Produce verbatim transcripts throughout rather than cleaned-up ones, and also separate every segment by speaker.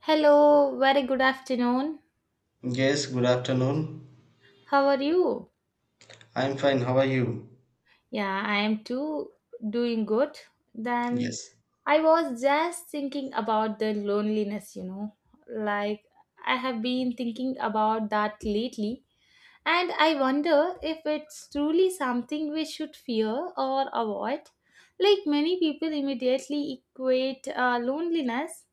Speaker 1: Hello, very good afternoon.
Speaker 2: Yes, good afternoon.
Speaker 1: How are you?
Speaker 2: I'm fine. How are you?
Speaker 1: Yeah, I am too doing good. Then
Speaker 2: Yes.
Speaker 1: I was just thinking about the loneliness, you know. Like I have been thinking about that lately, and I wonder if it's truly something we should fear or avoid. Like many people immediately equate uh, loneliness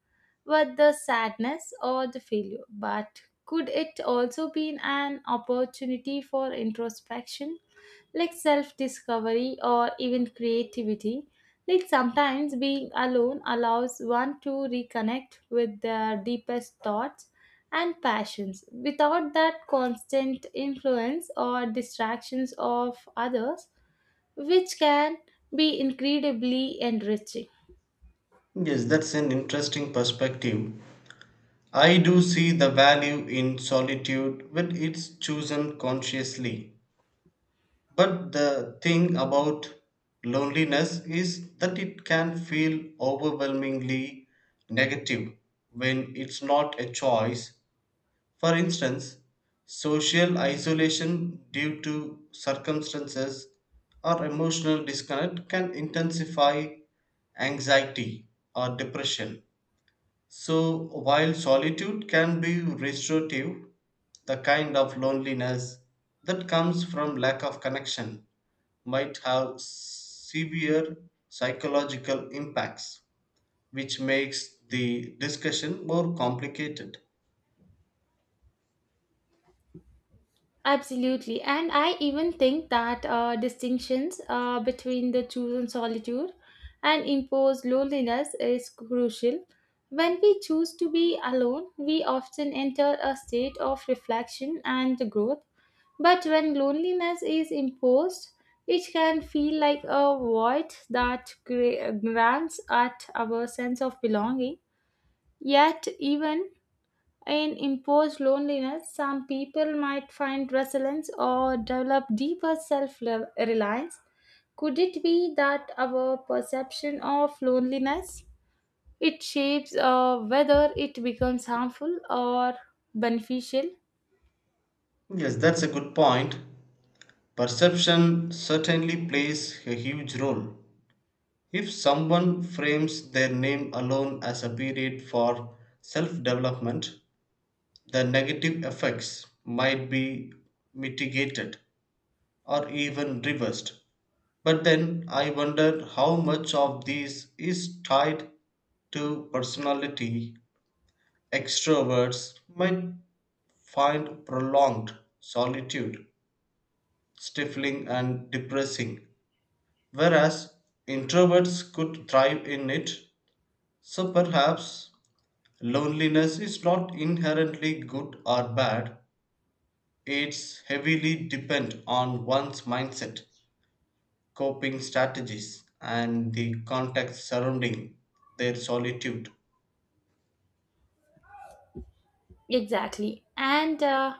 Speaker 1: with the sadness or the failure. But could it also be an opportunity for introspection, like self discovery or even creativity? Like sometimes being alone allows one to reconnect with their deepest thoughts and passions without that constant influence or distractions of others, which can be incredibly enriching.
Speaker 2: Yes, that's an interesting perspective. I do see the value in solitude when it's chosen consciously. But the thing about loneliness is that it can feel overwhelmingly negative when it's not a choice. For instance, social isolation due to circumstances or emotional disconnect can intensify anxiety or depression. So, while solitude can be restorative, the kind of loneliness that comes from lack of connection might have severe psychological impacts, which makes the discussion more complicated.
Speaker 1: Absolutely. And I even think that uh, distinctions uh, between the chosen solitude and imposed loneliness is crucial. When we choose to be alone, we often enter a state of reflection and growth. But when loneliness is imposed, it can feel like a void that gra- grants at our sense of belonging. Yet, even in imposed loneliness, some people might find resilience or develop deeper self reliance. Could it be that our perception of loneliness it shapes uh, whether it becomes harmful or beneficial?
Speaker 2: Yes, that's a good point. Perception certainly plays a huge role. If someone frames their name alone as a period for self development, the negative effects might be mitigated or even reversed. But then I wonder how much of this is tied to personality. Extroverts might find prolonged solitude stifling and depressing, whereas introverts could thrive in it. So perhaps loneliness is not inherently good or bad, it's heavily dependent on one's mindset, coping strategies, and the context surrounding their solitude.
Speaker 1: Exactly. And uh,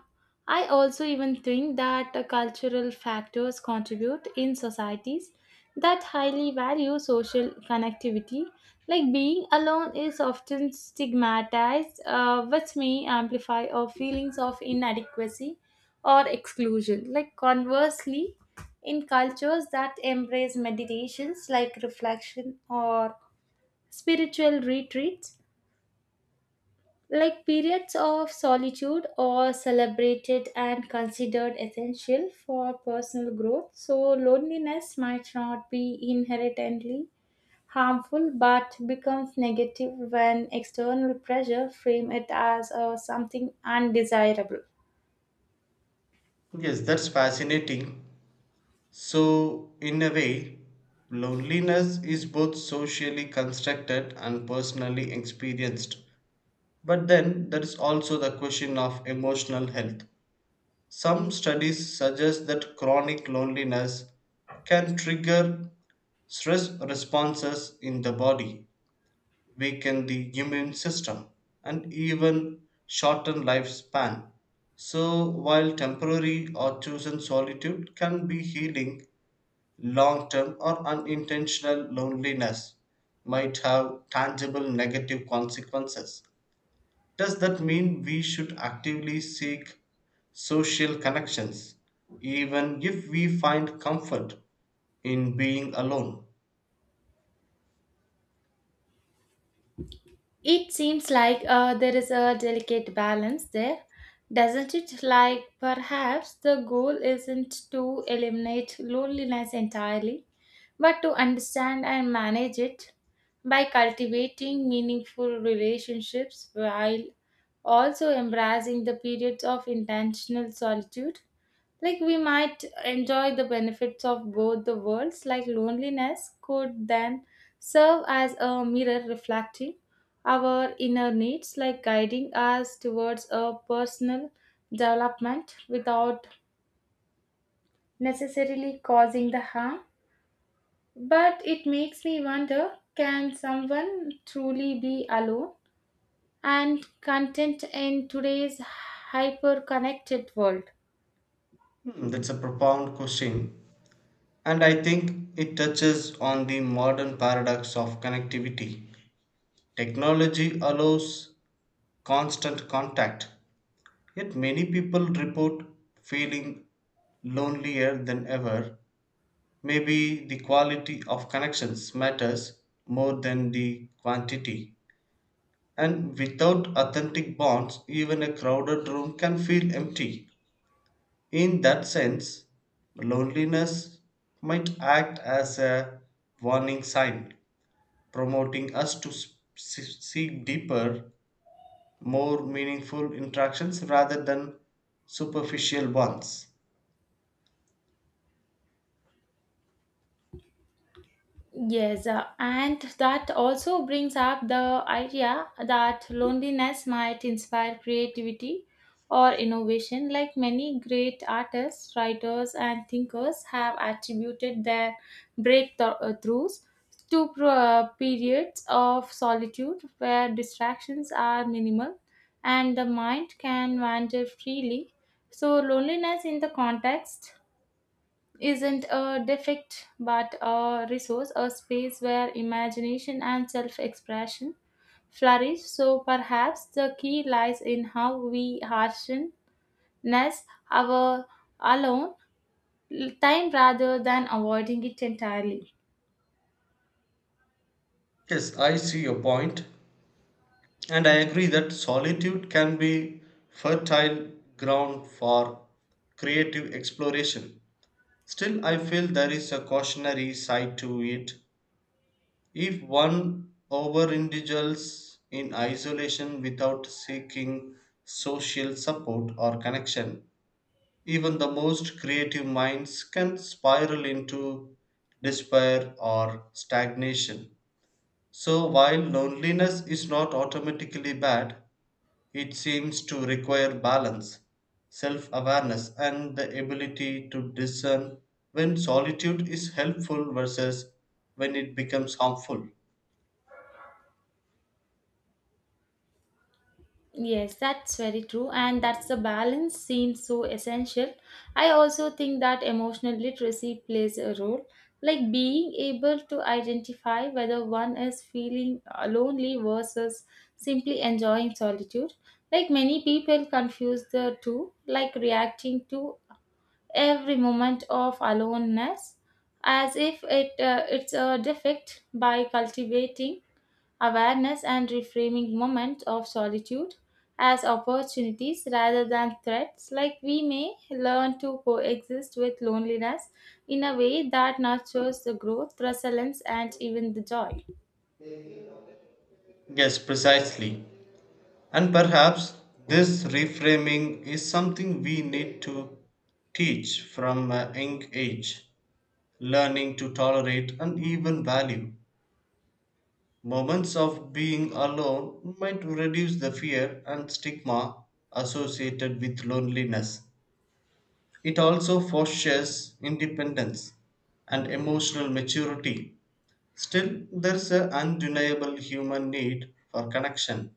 Speaker 1: I also even think that uh, cultural factors contribute in societies that highly value social connectivity. Like being alone is often stigmatized, uh, which may amplify our feelings of inadequacy or exclusion. Like conversely, in cultures that embrace meditations like reflection or spiritual retreats, like periods of solitude are celebrated and considered essential for personal growth, so loneliness might not be inherently harmful but becomes negative when external pressure frame it as uh, something undesirable.
Speaker 2: Yes, that's fascinating. So, in a way, loneliness is both socially constructed and personally experienced. But then there is also the question of emotional health. Some studies suggest that chronic loneliness can trigger stress responses in the body, weaken the immune system, and even shorten lifespan. So, while temporary or chosen solitude can be healing, long term or unintentional loneliness might have tangible negative consequences. Does that mean we should actively seek social connections, even if we find comfort in being alone?
Speaker 1: It seems like uh, there is a delicate balance there, doesn't it? Like perhaps the goal isn't to eliminate loneliness entirely, but to understand and manage it by cultivating meaningful relationships while also embracing the periods of intentional solitude. Like we might enjoy the benefits of both the worlds, like loneliness could then serve as a mirror reflecting our inner needs, like guiding us towards a personal development without necessarily causing the harm. But it makes me wonder, can someone truly be alone and content in today's hyper connected world?
Speaker 2: Hmm, that's a profound question, and I think it touches on the modern paradox of connectivity. Technology allows constant contact, yet many people report feeling lonelier than ever. Maybe the quality of connections matters more than the quantity. And without authentic bonds, even a crowded room can feel empty. In that sense, loneliness might act as a warning sign, promoting us to s- s- seek deeper, more meaningful interactions rather than superficial ones.
Speaker 1: Yes, uh, and that also brings up the idea that loneliness might inspire creativity or innovation, like many great artists, writers, and thinkers have attributed their breakthroughs to pro- uh, periods of solitude where distractions are minimal and the mind can wander freely. So, loneliness in the context isn't a defect but a resource, a space where imagination and self expression flourish. So perhaps the key lies in how we harshness our alone time rather than avoiding it entirely.
Speaker 2: Yes, I see your point, and I agree that solitude can be fertile ground for creative exploration. Still, I feel there is a cautionary side to it. If one overindulges in isolation without seeking social support or connection, even the most creative minds can spiral into despair or stagnation. So, while loneliness is not automatically bad, it seems to require balance, self awareness, and the ability to discern when solitude is helpful versus when it becomes harmful.
Speaker 1: Yes, that's very true, and that's the balance seems so essential. I also think that emotional literacy plays a role, like being able to identify whether one is feeling uh, lonely versus simply enjoying solitude. Like many people confuse the two, like reacting to every moment of aloneness as if it uh, it's a defect by cultivating awareness and reframing moments of solitude as opportunities rather than threats like we may learn to coexist with loneliness in a way that nurtures the growth resilience and even the joy.
Speaker 2: Yes, precisely. And perhaps this reframing is something we need to teach from a young age, learning to tolerate and even value. Moments of being alone might reduce the fear and stigma associated with loneliness. It also fosters independence and emotional maturity. Still, there's an undeniable human need for connection.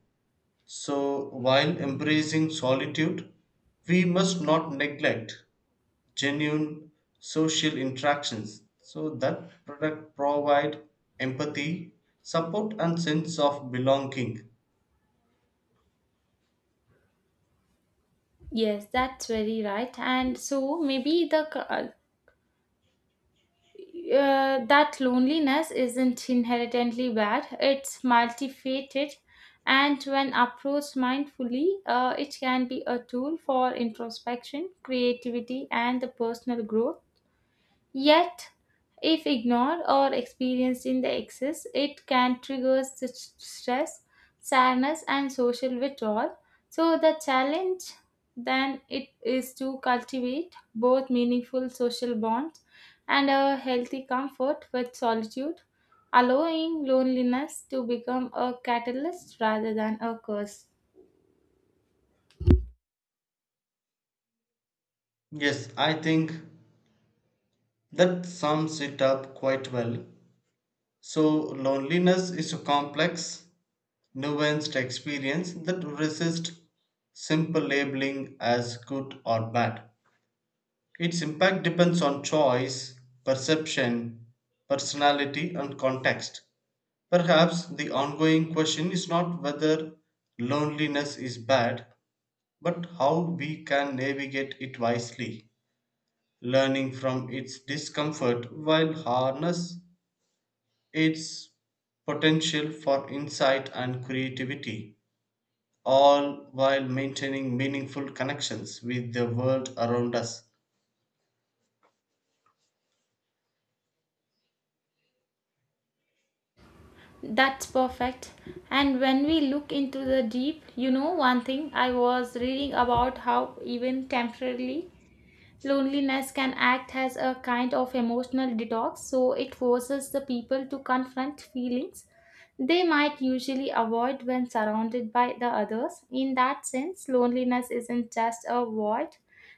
Speaker 2: So, while embracing solitude, we must not neglect genuine social interactions so that product provide empathy, support, and sense of belonging.
Speaker 1: Yes, that's very right, and so maybe the co- uh, that loneliness isn't inherently bad, it's multifaceted, and when approached mindfully, uh, it can be a tool for introspection, creativity, and the personal growth. Yet, if ignored or experienced in the excess, it can trigger st- stress, sadness, and social withdrawal. So, the challenge then it is to cultivate both meaningful social bonds and a healthy comfort with solitude, allowing loneliness to become a catalyst rather than a curse.
Speaker 2: Yes, I think that sums it up quite well. So, loneliness is a complex nuanced experience that resists simple labeling as good or bad. Its impact depends on choice, perception, personality, and context. Perhaps the ongoing question is not whether loneliness is bad, but how we can navigate it wisely, learning from its discomfort while harness its potential for insight and creativity, all while maintaining meaningful connections with the world around us.
Speaker 1: That's perfect. And when we look into the deep, you know, one thing I was reading about how even temporarily loneliness can act as a kind of emotional detox, so it forces the people to confront feelings they might usually avoid when surrounded by the others. In that sense, loneliness isn't just a void,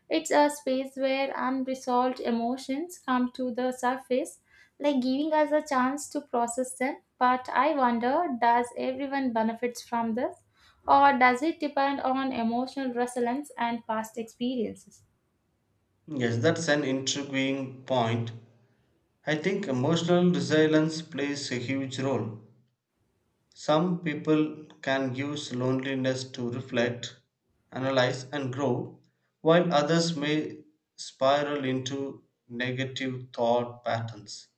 Speaker 1: it's a space where unresolved emotions come to the surface, like giving us a chance to process them. But I wonder, does everyone benefits from this, or does it depend on emotional resilience and past experiences?
Speaker 2: Yes, that's an intriguing point. I think emotional resilience plays a huge role. Some people can use loneliness to reflect, analyze, and grow, while others may spiral into negative thought patterns.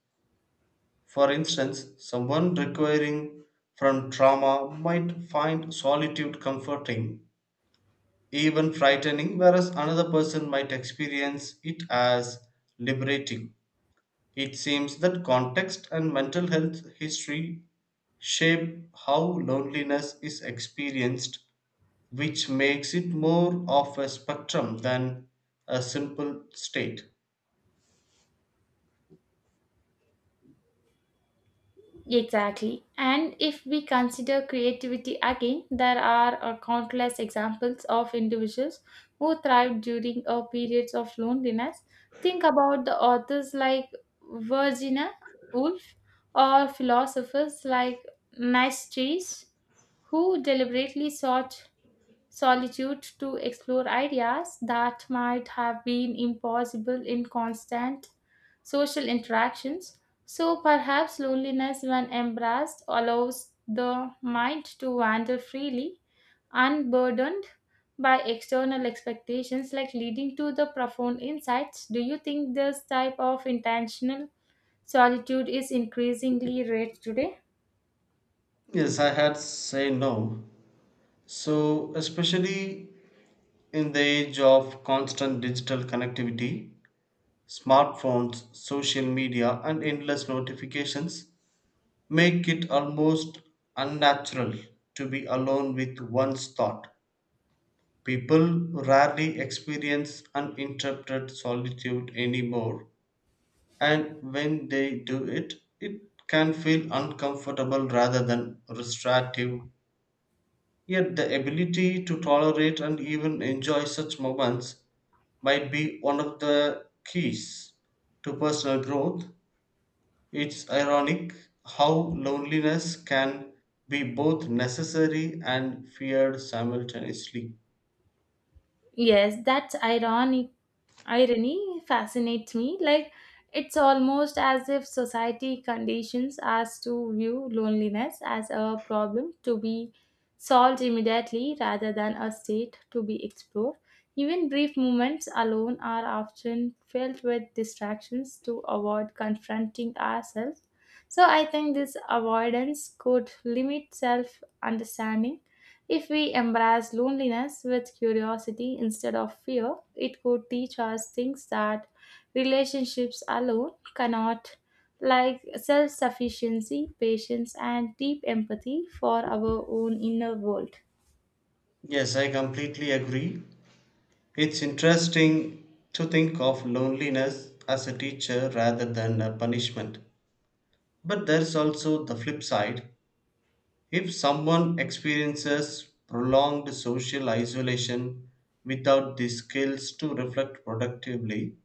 Speaker 2: For instance, someone recovering from trauma might find solitude comforting even frightening, whereas another person might experience it as liberating. It seems that context and mental health history shape how loneliness is experienced, which makes it more of a spectrum than a simple state.
Speaker 1: Exactly. And if we consider creativity again, there are uh, countless examples of individuals who thrived during uh, periods of loneliness. Think about the authors like Virginia Woolf or philosophers like Nietzsche, who deliberately sought solitude to explore ideas that might have been impossible in constant social interactions. So perhaps loneliness, when embraced, allows the mind to wander freely, unburdened by external expectations, like leading to the profound insights. Do you think this type of intentional solitude is increasingly rare today?
Speaker 2: Yes, I had say no. So, especially in the age of constant digital connectivity, smartphones, social media, and endless notifications, make it almost unnatural to be alone with one's thought. People rarely experience uninterrupted solitude anymore, and when they do it, it can feel uncomfortable rather than restorative. Yet, the ability to tolerate and even enjoy such moments might be one of the keys to personal growth. It's ironic how loneliness can be both necessary and feared simultaneously.
Speaker 1: Yes, that's ironic. Irony fascinates me. Like, it's almost as if society conditions us to view loneliness as a problem to be solved immediately rather than a state to be explored. Even brief moments alone are often filled with distractions to avoid confronting ourselves. So, I think this avoidance could limit self understanding. If we embrace loneliness with curiosity instead of fear, it could teach us things that relationships alone cannot, like self sufficiency, patience, and deep empathy for our own inner world.
Speaker 2: Yes, I completely agree. It's interesting to think of loneliness as a teacher rather than a punishment. But there's also the flip side. If someone experiences prolonged social isolation without the skills to reflect productively,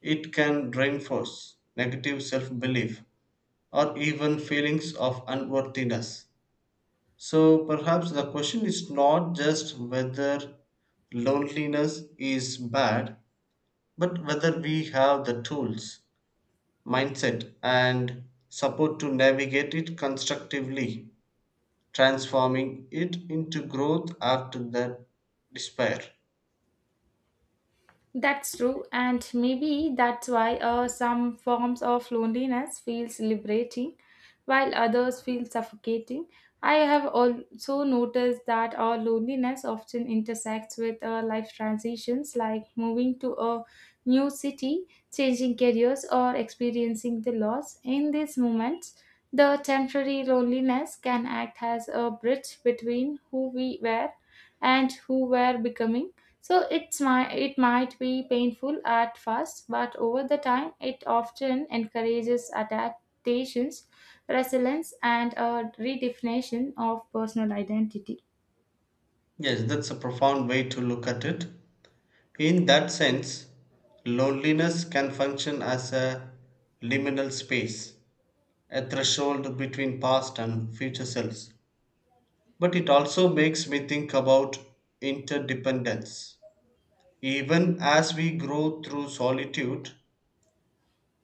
Speaker 2: it can reinforce negative self belief or even feelings of unworthiness. So perhaps the question is not just whether loneliness is bad, but whether we have the tools, mindset, and support to navigate it constructively, transforming it into growth after the despair.
Speaker 1: That's true, and maybe that's why uh, some forms of loneliness feels liberating, while others feel suffocating. I have also noticed that our loneliness often intersects with our life transitions, like moving to a new city, changing careers, or experiencing the loss. In these moments, the temporary loneliness can act as a bridge between who we were and who we're becoming, so it's my, it might be painful at first, but over the time, it often encourages adaptations, resilience, and a redefinition of personal identity.
Speaker 2: Yes, that's a profound way to look at it. In that sense, loneliness can function as a liminal space, a threshold between past and future selves. But it also makes me think about interdependence. Even as we grow through solitude,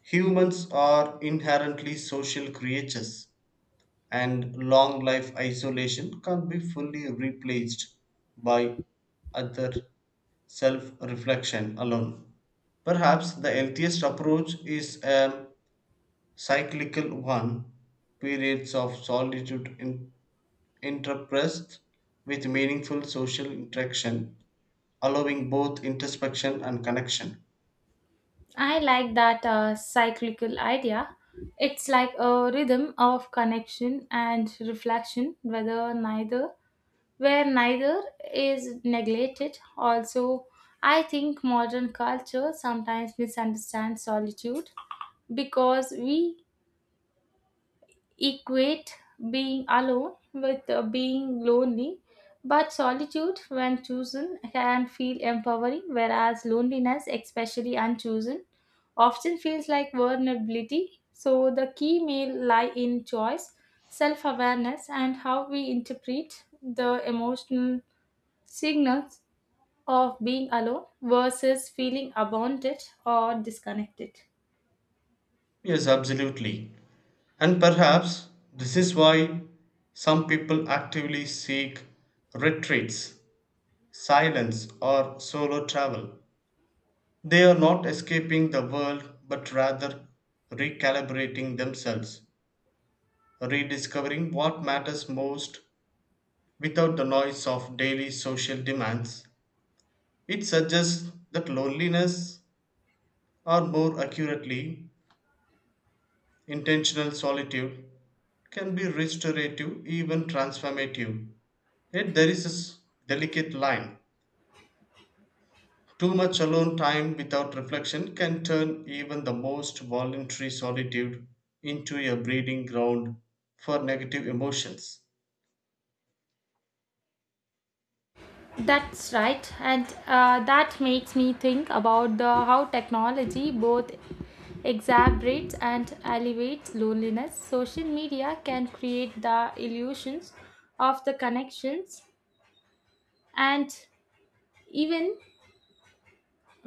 Speaker 2: humans are inherently social creatures, and long life isolation can't be fully replaced by other self reflection alone. Perhaps the healthiest approach is a cyclical one, periods of solitude in interpressed with meaningful social interaction, allowing both introspection and connection.
Speaker 1: I like that uh, cyclical idea. It's like a rhythm of connection and reflection, whether neither where neither is neglected. Also, I think modern culture sometimes misunderstands solitude because we equate being alone with uh, being lonely, but solitude, when chosen, can feel empowering, whereas loneliness, especially unchosen, often feels like vulnerability. So, the key may lie in choice, self awareness, and how we interpret the emotional signals of being alone versus feeling abandoned or disconnected.
Speaker 2: Yes, absolutely. And perhaps this is why some people actively seek retreats, silence, or solo travel. They are not escaping the world but rather recalibrating themselves, rediscovering what matters most without the noise of daily social demands. It suggests that loneliness, or more accurately, intentional solitude, can be restorative, even transformative. Yet there is a s- delicate line. Too much alone time without reflection can turn even the most voluntary solitude into a breeding ground for negative emotions.
Speaker 1: That's right, and uh, that makes me think about the how technology both exacerbates and alleviates loneliness. Social media can create the illusions of the connections and even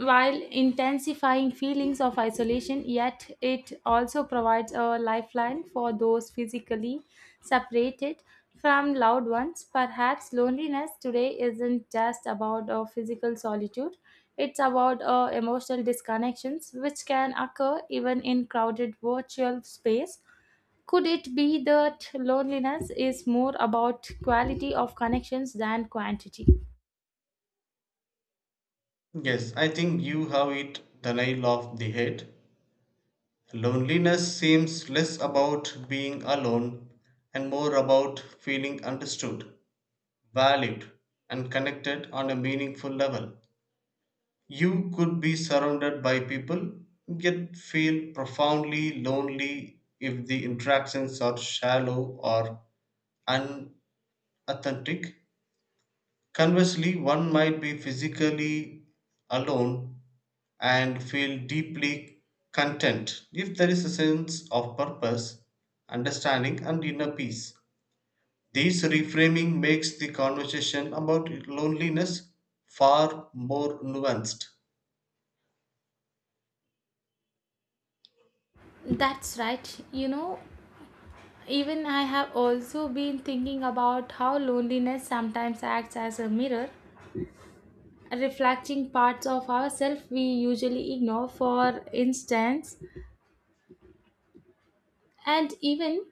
Speaker 1: while intensifying feelings of isolation, yet it also provides a lifeline for those physically separated from loved ones. Perhaps loneliness today isn't just about a physical solitude, it's about uh, emotional disconnections which can occur even in crowded virtual space. Could it be that loneliness is more about quality of connections than quantity?
Speaker 2: Yes, I think you have it the nail of the head. Loneliness seems less about being alone and more about feeling understood, valued, and connected on a meaningful level. You could be surrounded by people, yet feel profoundly lonely if the interactions are shallow or unauthentic. Conversely, one might be physically alone and feel deeply content if there is a sense of purpose, understanding, and inner peace. This reframing makes the conversation about loneliness far more nuanced.
Speaker 1: That's right. You know, even I have also been thinking about how loneliness sometimes acts as a mirror, reflecting parts of ourselves we usually ignore. For instance, and even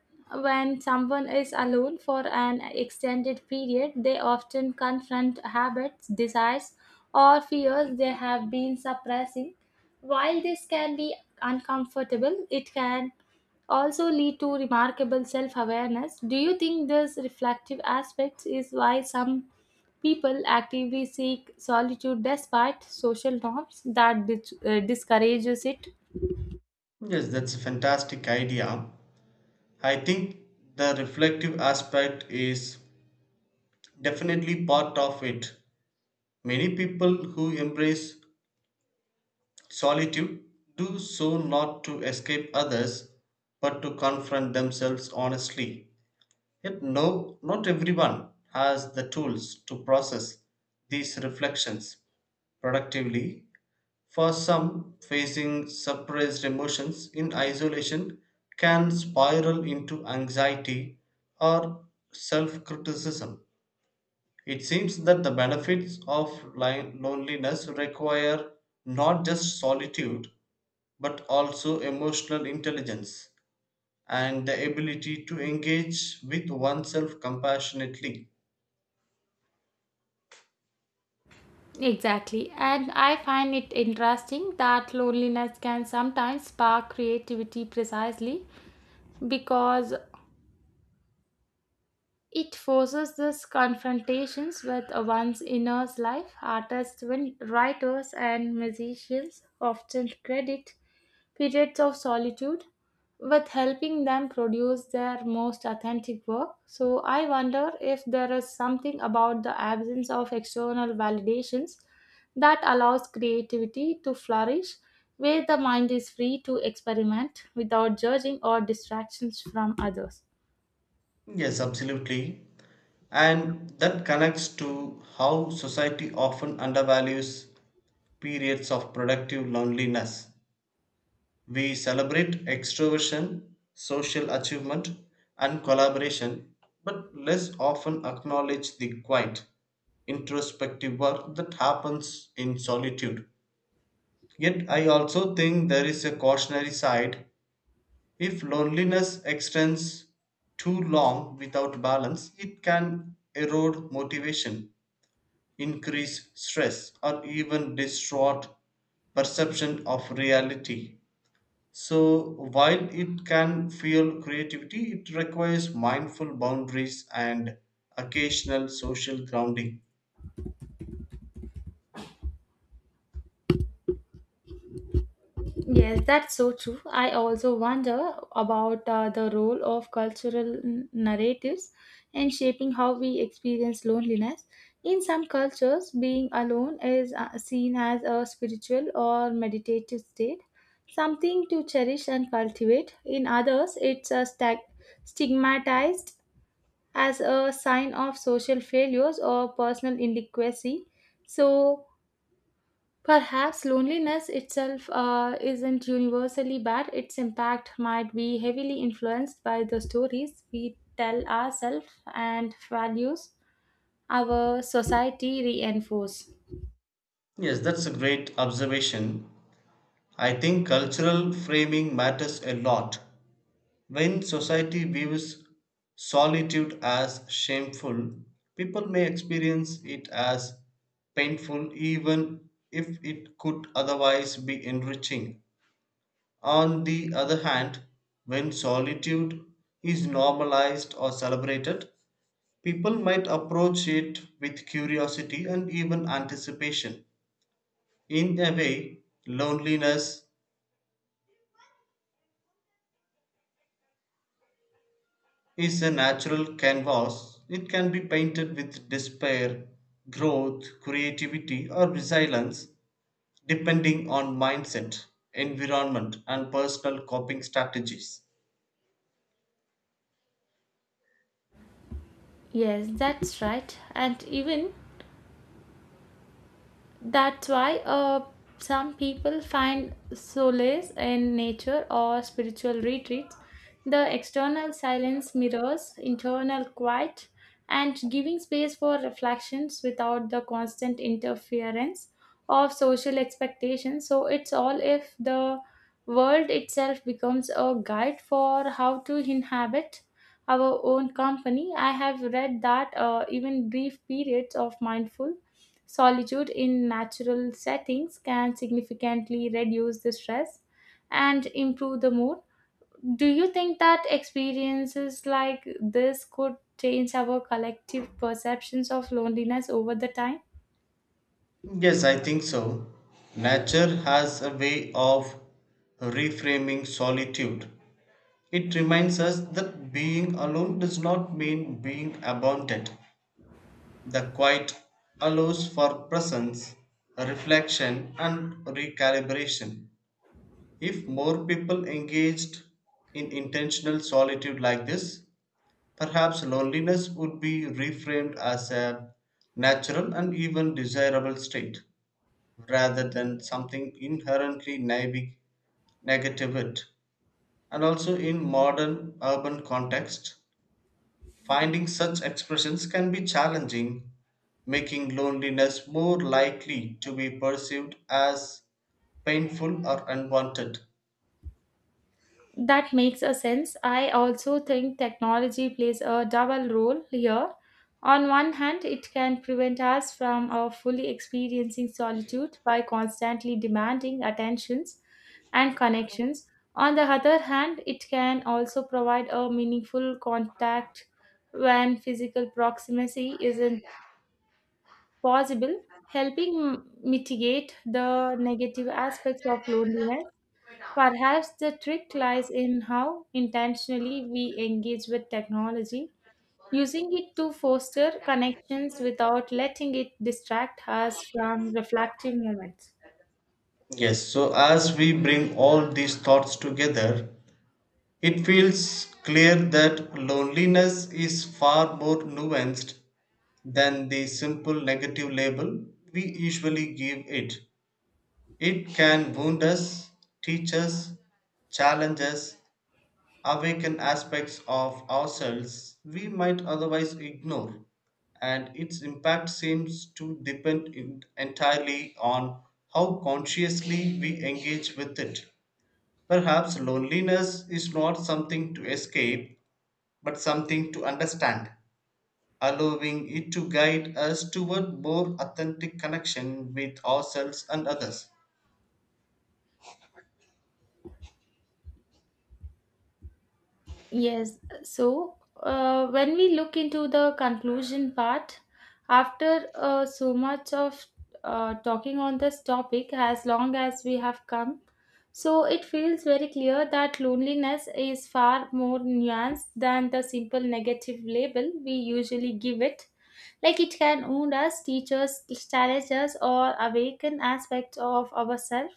Speaker 1: when someone is alone for an extended period, they often confront habits, desires, or fears they have been suppressing. While this can be uncomfortable, it can also lead to remarkable self awareness. Do you think this reflective aspect is why some people actively seek solitude despite social norms that dis- uh, discourages it?
Speaker 2: Yes, that's a fantastic idea. I think the reflective aspect is definitely part of it. Many people who embrace solitude do so not to escape others but to confront themselves honestly. Yet, no, not everyone has the tools to process these reflections productively. For some, facing suppressed emotions in isolation can spiral into anxiety or self criticism. It seems that the benefits of li- loneliness require not just solitude but also emotional intelligence and the ability to engage with oneself compassionately.
Speaker 1: Exactly. And I find it interesting that loneliness can sometimes spark creativity precisely because it forces these confrontations with one's inner life. Artists, win- writers, and musicians often credit periods of solitude with helping them produce their most authentic work. So, I wonder if there is something about the absence of external validations that allows creativity to flourish, where the mind is free to experiment without judging or distractions from others.
Speaker 2: Yes, absolutely. And that connects to how society often undervalues periods of productive loneliness. We celebrate extroversion, social achievement, and collaboration, but less often acknowledge the quiet, introspective work that happens in solitude. Yet, I also think there is a cautionary side. If loneliness extends too long without balance, it can erode motivation, increase stress, or even distort perception of reality. So, while it can fuel creativity, it requires mindful boundaries and occasional social grounding.
Speaker 1: Yes, that's so true. I also wonder about uh, the role of cultural n- narratives in shaping how we experience loneliness. In some cultures, being alone is uh, seen as a spiritual or meditative state, something to cherish and cultivate. In others, it's uh, stag stigmatized as a sign of social failures or personal inadequacy. So, perhaps loneliness itself uh, isn't universally bad, its impact might be heavily influenced by the stories we tell ourselves and values our society reinforce.
Speaker 2: Yes, that's a great observation. I think cultural framing matters a lot. When society views solitude as shameful, people may experience it as painful even if it could otherwise be enriching. On the other hand, when solitude is normalized or celebrated, people might approach it with curiosity and even anticipation. In a way, loneliness is a natural canvas. It can be painted with despair, growth, creativity, or resilience, depending on mindset, environment, and personal coping strategies.
Speaker 1: Yes, that's right. And even, that's why uh, some people find solace in nature or spiritual retreats. The external silence mirrors internal quiet and giving space for reflections without the constant interference of social expectations. So it's all if the world itself becomes a guide for how to inhabit our own company. I have read that uh, even brief periods of mindful solitude in natural settings can significantly reduce the stress and improve the mood. Do you think that experiences like this could change our collective perceptions of loneliness over the time?
Speaker 2: Yes, I think so. Nature has a way of reframing solitude. It reminds us that being alone does not mean being abandoned. The quiet allows for presence, reflection, and recalibration. If more people engaged in intentional solitude like this, perhaps loneliness would be reframed as a natural and even desirable state rather than something inherently neg- negative it. And also in modern urban context, finding such expressions can be challenging, making loneliness more likely to be perceived as painful or unwanted.
Speaker 1: That makes a sense. I also think technology plays a double role here. On one hand, it can prevent us from uh, fully experiencing solitude by constantly demanding attentions and connections. On the other hand, it can also provide a meaningful contact when physical proximity isn't possible, helping m- mitigate the negative aspects of loneliness. Perhaps the trick lies in how intentionally we engage with technology, using it to foster connections without letting it distract us from reflective moments.
Speaker 2: Yes, so as we bring all these thoughts together, it feels clear that loneliness is far more nuanced than the simple negative label we usually give it. It can wound us, teach us, challenge us, awaken aspects of ourselves we might otherwise ignore, and its impact seems to depend en- entirely on how consciously we engage with it. Perhaps loneliness is not something to escape, but something to understand, allowing it to guide us toward more authentic connection with ourselves and others.
Speaker 1: Yes, so uh, when we look into the conclusion part, after uh, so much of uh, talking on this topic, as long as we have come, so it feels very clear that loneliness is far more nuanced than the simple negative label we usually give it. Like it can wound us, teach us, challenge us, or awaken aspects of ourselves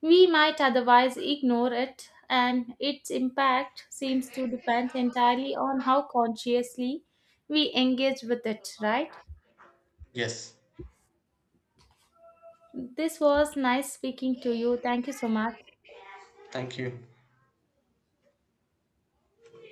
Speaker 1: we might otherwise ignore it, and its impact seems to depend entirely on how consciously we engage with it, right?
Speaker 2: Yes,
Speaker 1: This was nice speaking to you. Thank you so much.
Speaker 2: thank you.